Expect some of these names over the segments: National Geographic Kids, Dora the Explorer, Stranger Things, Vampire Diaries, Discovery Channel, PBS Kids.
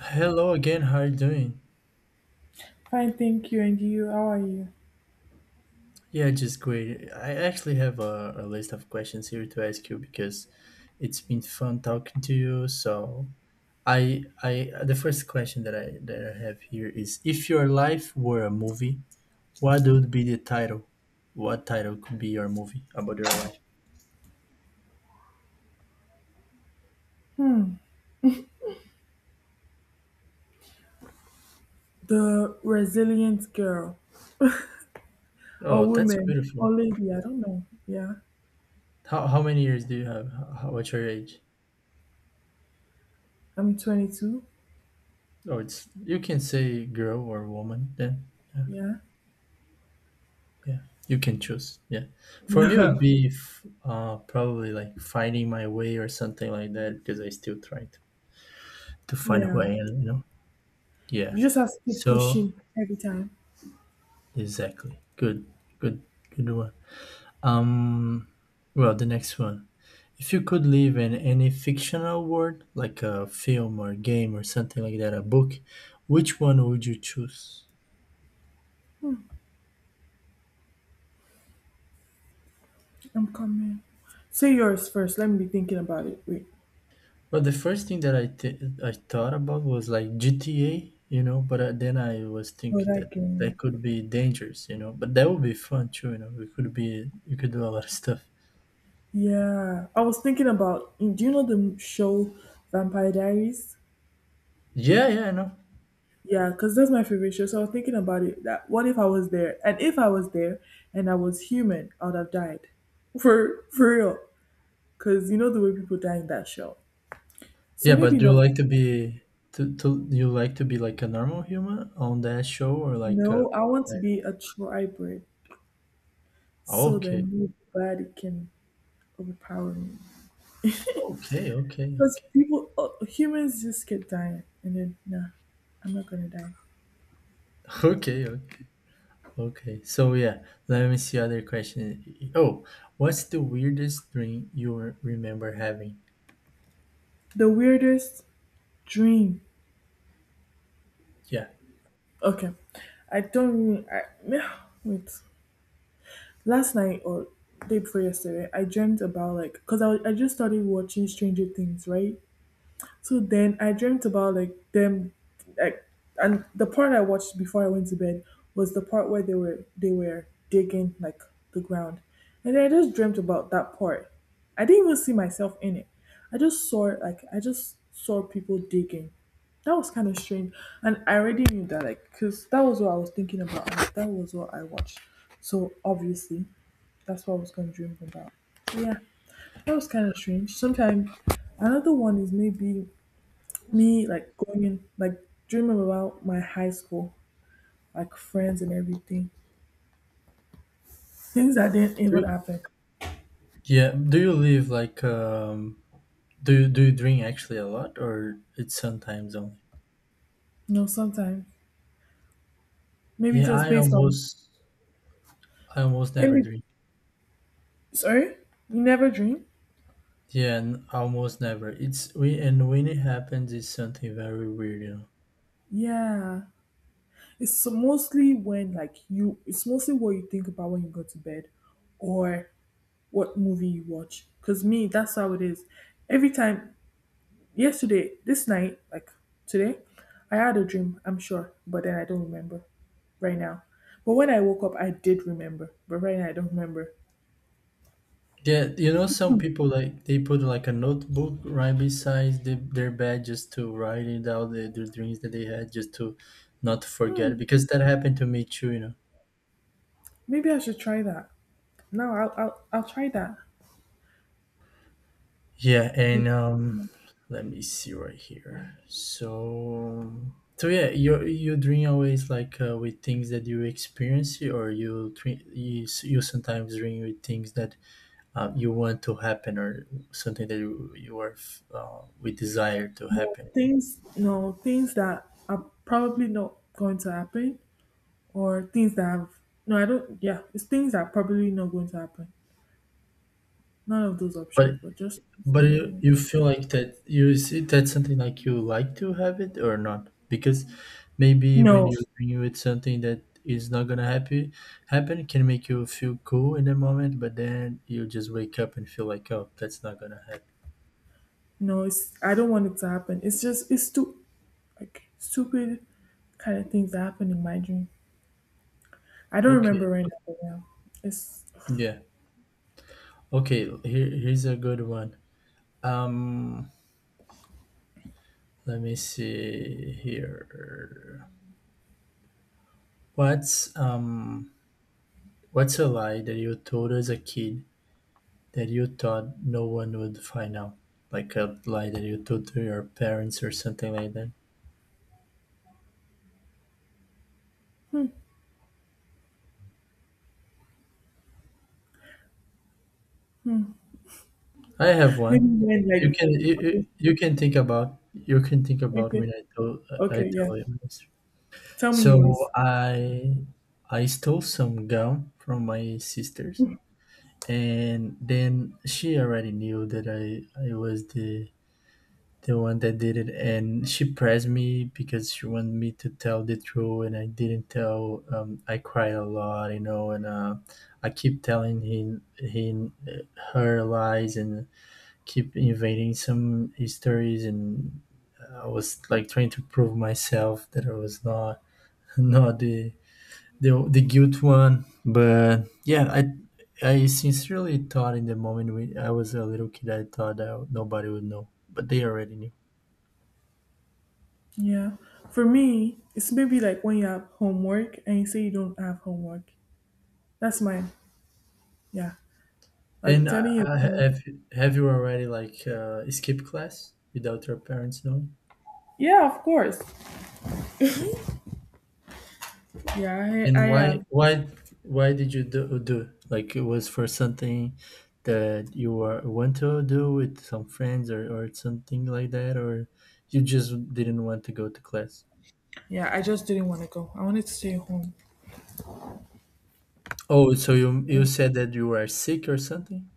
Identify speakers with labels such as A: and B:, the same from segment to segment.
A: Hello again, how are you doing?
B: Fine, thank you. And you, how are you?
A: Yeah, just great. I actually have a list of questions here to ask you because it's been fun talking to you. So I the first question that I have here is, if your life were a movie, what would be the title? What title could be your movie about your life?
B: The resilient girl or
A: Oh, that's
B: woman or
A: beautiful.
B: lady, I don't know. Yeah.
A: How many years do you have? How, what's your age?
B: I'm 22.
A: Oh, it's you can say girl or woman then. Yeah.
B: Yeah.
A: Yeah, you can choose. Yeah. For me, it
B: Yeah.
A: would be probably like finding my way or something like that because I still try to find who
B: Yeah.
A: I am, you know? Yeah.
B: You just have to keep
A: So,
B: pushing every time.
A: exactly. Good, good, good one. Um, well, the next one. If you could live in any fictional world, like a film or game or something like that, a book, which one would you choose?
B: I'm coming. Say yours first. Let me be thinking about it. Wait.
A: Well, the first thing that I thought about was like GTA, you know, but then I was
B: Oh,
A: thinking
B: that
A: that that
B: game.
A: could be dangerous, you know, but that would be fun too, you know. We could be you could do a lot of stuff.
B: Yeah. I was thinking about, do you know the show Vampire Diaries?
A: Yeah, yeah, I know.
B: Yeah, because that's my favorite show. So I was thinking about it. That what if I was there? And if I was there and I was human, I would have died. For real. Because you know the way people die in that show. So
A: Yeah, but
B: maybe
A: do you
B: not.
A: like to be to you like to be like a normal human on that show or like a
B: No, I want to
A: vampire?
B: be a tribrid. So
A: Okay,
B: then nobody can overpower me.
A: okay, okay,
B: Because
A: okay.
B: people, humans just get dying. And then, nah, I'm not going to die.
A: okay, okay, okay. So yeah, let me see other question. Oh, what's the weirdest dream you remember having?
B: The weirdest dream.
A: Yeah.
B: Okay. I don't, I, wait. Last night or day before yesterday, I dreamt about like because I just started watching Stranger Things, right? So then I dreamt about like them like and the part I watched before I went to bed was the part where they were digging like the ground. And then I just dreamt about that part. I didn't even see myself in it. I just saw people digging. That was kind of strange. And I already knew that like cuz that was what I was thinking about and that was what I watched. So obviously that's what I was gonna dream about. So yeah, that was kind of strange. Sometimes another one is maybe me, like going in, like dreaming about my high school, like friends and everything, things that didn't even
A: Do,
B: happen.
A: Yeah. Do you live like do you drink actually a lot or it's sometimes only?
B: You know, sometimes maybe
A: Yeah,
B: just based on
A: I almost never
B: maybe.
A: drink.
B: Sorry, you never dream.
A: Yeah, and almost never. It's we and when it happens it's something very weird, you know.
B: Yeah, mostly when like you. It's mostly what you think about when you go to bed, or what movie you watch. Cause me, that's how it is. Every time. Yesterday, this night, like today, I had a dream, I'm sure, but then I don't remember right now. But when I woke up, I did remember, but right now I don't remember.
A: Yeah, you know some people like they put like a notebook right beside their bed just to write it out the dreams that they had just to not forget
B: Hmm,
A: because that happened to me too, you know.
B: maybe I should try that. No, I'll try that.
A: Yeah,
B: Like,
A: and let me see right here. So, so yeah, you dream always like with things that you experience, or you dream, you sometimes dream with things that you want to happen, or something that you are we desire to
B: you know,
A: happen.
B: things, you know, things that are probably not going to happen, or things that have, no, I don't, yeah, it's things that are probably not going to happen. None of those
A: But
B: options, but just, things that
A: But
B: are not
A: you,
B: going to—
A: you feel like that you is it that something like you like to have it or not? Because maybe
B: no,
A: when you it's something that is not gonna happen happen can make you feel cool in the moment, but then you just wake up and feel like, oh, that's not gonna happen.
B: no, it's, I don't want it to happen. It's just, it's too like stupid kind of things that happened in my dream. I don't remember
A: Okay,
B: right now. But yeah. It's
A: yeah. Okay, here here's a good one. Um, Let me see here. What's um what's a lie that you told as a kid that you thought no one would find out, like a lie that you told to your parents or something like that. I have one.
B: maybe when like
A: You can you
B: okay,
A: you can think about you can think about
B: okay,
A: when I told I
B: okay, yeah.
A: tell you. This.
B: Tell me
A: So
B: yours.
A: I stole some gum from my sisters, and then she already knew that I was the one that did it, and she pressed me because she wanted me to tell the truth, and I didn't tell. I cried a lot, you know, and I keep telling him, him her lies and keep invading some histories, and I was like trying to prove myself that I was not not the the guilt one, but yeah, I. I sincerely thought in the moment we, I was a little kid, I thought that nobody would know, but they already knew.
B: Yeah. For me, it's maybe like when you have homework and you say you don't have homework. That's mine. Yeah. Like
A: And
B: telling your parents.
A: have you already like skipped class without your parents knowing?
B: Yeah, of course. Yeah, I
A: And
B: have.
A: why did you do like it was for something that you were, want to do with some friends or something like that or you just didn't want to go to class?
B: Yeah, I just didn't want to go. I wanted to stay home.
A: Oh, so you said that you were sick or something?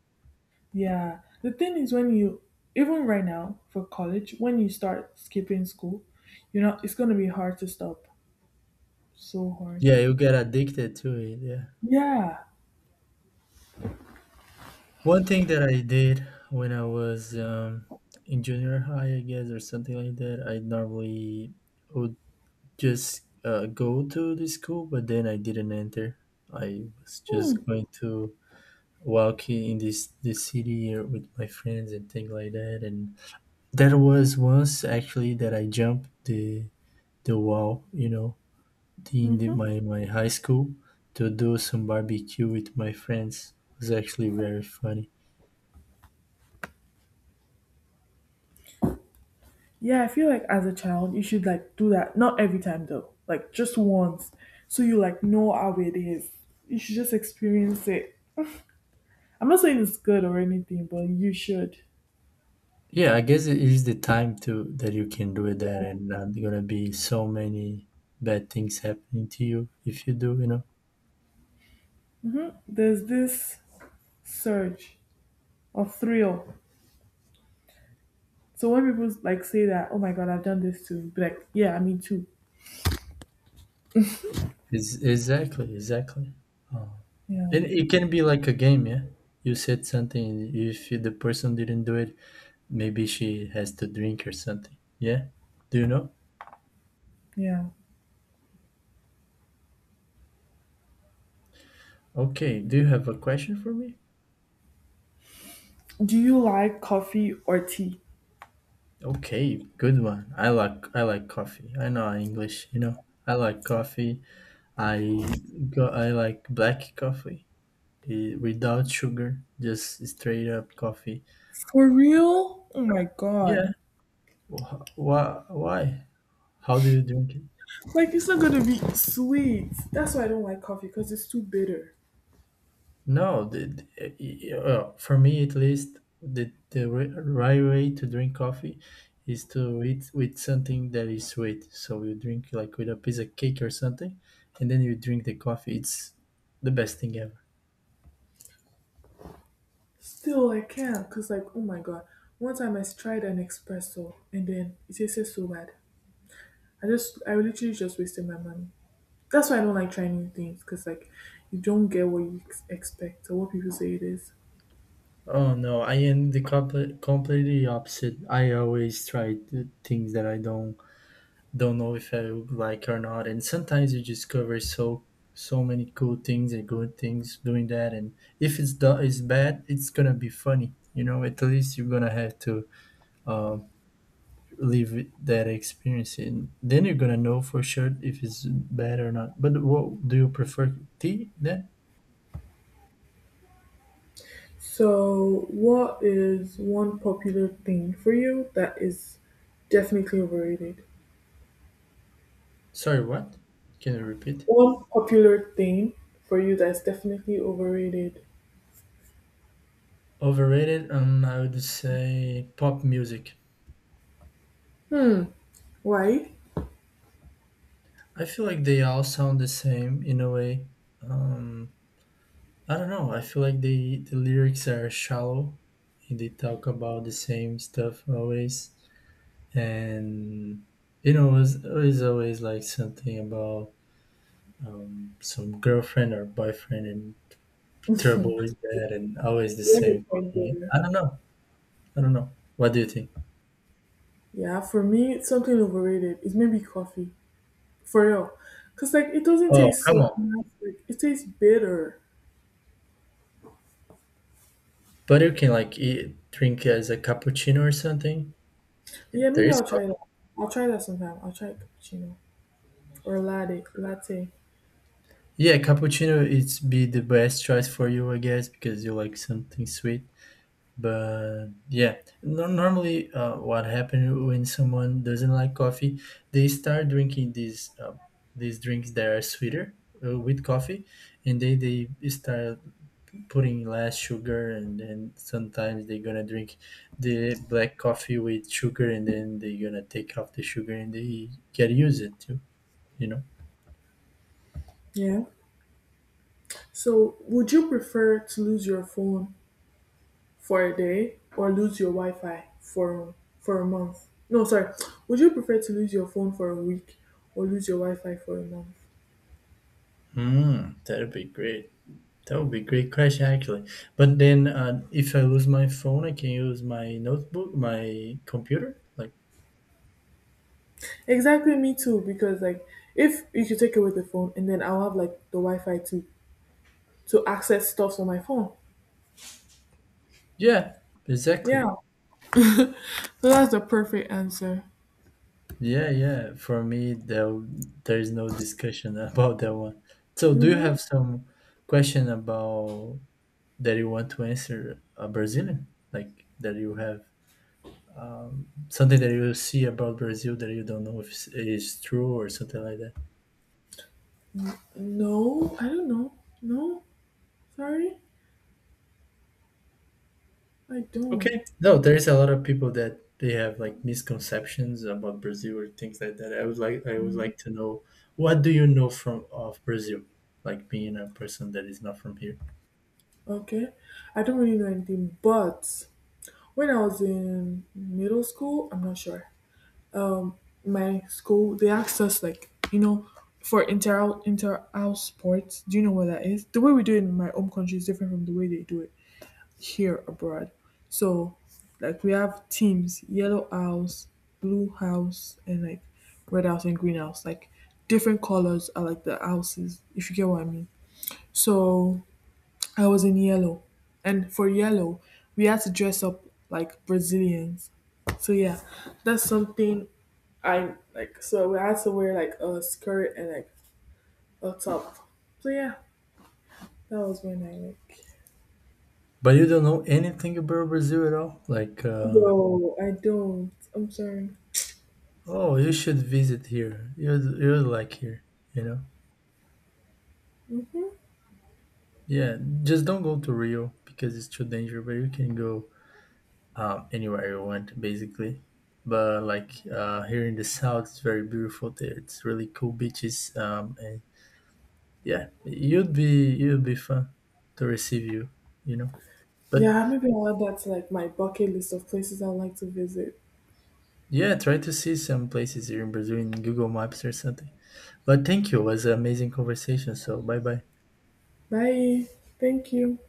B: Yeah, the thing is when you even right now for college, when you start skipping school, you know it's gonna be hard to stop. So hard.
A: Yeah, you get addicted to it. Yeah.
B: Yeah.
A: One thing that I did when I was in junior high, I guess, or something like that, I normally would just go to the school, but then I didn't enter. I was
B: Hmm.
A: just going to walk in this the city or with my friends and things like that. And there was once actually that I jumped the wall, you know, in
B: Mm-hmm.
A: my my high school to do some barbecue with my friends. It was actually very funny.
B: Yeah, I feel like as a child you should like do that. Not every time though, like just once, so you like know how it is. You should just experience it. I'm not saying it's good or anything, but you should.
A: Yeah, I guess it is the time to that you can do it there, and not gonna be so many bad things happening to you if you do, you know.
B: There's this surge of thrill. So when people like say that, oh my god, I've done this too, be like, yeah, me too.
A: Is exactly, exactly. Uh,
B: Yeah.
A: and it can be like a game, yeah. You said something. If the person didn't do it, maybe she has to drink or something. Yeah. Do you know?
B: Yeah.
A: Okay. Do you have a question for me?
B: Do you like coffee or tea?
A: Okay, good one. I like coffee. I know English, you know. I like coffee. I go. I like black coffee. Without sugar, just straight up coffee.
B: For real? Oh my
A: Yeah.
B: god.
A: Why? Why? How do you drink it?
B: Like it's not gonna be sweet. That's why I don't like coffee because it's too bitter.
A: No, for me at least, the right way to drink coffee is to eat with something that is sweet. So you drink like with a piece of cake or something, and then you drink the coffee. It's the best thing ever.
B: Still, I can't because like oh my god. One time I tried an espresso and then it tasted so bad. I literally just wasted my money. That's why I don't like trying new things because like you don't get what you expect or what people say it is.
A: Oh no, I am the completely opposite. I always try the things that I don't know if I would like or not. And sometimes you discover so so many cool things and good things doing that. And if it's bad, it's gonna be funny. You know, at least you're gonna have to um, live with that experience, and then you're gonna know for sure if it's bad or not. But what do you prefer, tea? Then
B: So, what is one popular thing for you that is definitely overrated?
A: sorry, what? Can you repeat?
B: One popular thing for you that's definitely overrated.
A: Overrated? I would say pop music.
B: Hmm. Why?
A: I feel like they all sound the same in a way. Um, I don't know. I feel like the lyrics are shallow and they talk about the same stuff always. And you know, it's always like something about some girlfriend or boyfriend and trouble with that, and always the
B: You have a
A: same
B: point
A: thing.
B: there.
A: I don't know. I don't know. What do you think?
B: Yeah, for me, something overrated is maybe coffee. For real. Because, like, it doesn't
A: Oh,
B: taste
A: come
B: so.
A: on!
B: Like, it tastes bitter.
A: But you can like eat, drink as a cappuccino or something.
B: Yeah,
A: There
B: maybe
A: is
B: I'll try
A: coffee.
B: that. I'll try that sometime. I'll try cappuccino or latte. Latte.
A: Yeah, cappuccino. It's be the best choice for you, I guess, because you like something sweet but yeah no, normally what happens when someone doesn't like coffee they start drinking these drinks that are sweeter with coffee and they start putting less sugar and then sometimes they're gonna drink the black coffee with sugar and then they're gonna take off the sugar and they get used it too, you know.
B: Yeah. So, would you prefer to lose your phone for a day or lose your Wi-Fi for a month? No, sorry. Would you prefer to lose your phone for a week or lose your Wi-Fi for a month?
A: That'd be great. That would be a great question, actually. But then, if I lose my phone, I can use my notebook, my computer. Like,
B: Exactly, me too. Because like, if you could take away the phone, and then I'll have like the Wi-Fi to access stuff on my phone.
A: yeah, exactly.
B: Yeah. So that's the perfect answer.
A: Yeah, yeah. For me, there is no discussion about that one. So, do you
B: Mm-hmm.
A: have some question about that you want to answer a Brazilian? Like that you have something that you see about Brazil that you don't know if is true or something like that.
B: No, I don't know. No, sorry, I don't.
A: Okay. No, there's a lot of people that they have like misconceptions about Brazil or things like that. I would like to know, what do you know from of Brazil? Like being a person that is not from here.
B: Okay, I don't really know anything. But when I was in middle school, I'm not sure. Um, my school, they asked us, like, you know, for inter house sports, do you know what that is? The way we do it in my home country is different from the way they do it here abroad. So like we have teams, yellow house, blue house, and like red house and green house, like different colors are like the houses, if you get what I mean. So I was in yellow. And for yellow, we had to dress up like Brazilians. So yeah, that's something I like. So we had to wear like a skirt and like a top. So yeah, that was when I like.
A: But you don't know anything about Brazil at all? Like
B: No, I don't. I'm sorry.
A: oh, you should visit here. You like here, you know?
B: Hmm.
A: Yeah. Just don't go to Rio because it's too dangerous, but you can go anywhere you went basically but like here in the south it's very beautiful there it's really cool beaches, and yeah you'd be fun to receive you, you know, but
B: Yeah, maybe I'll add that to like my bucket list of places I'd like to visit.
A: yeah try to see some places here in Brazil in Google Maps or something but thank you, it was an amazing conversation, so bye bye.
B: Bye. Thank you.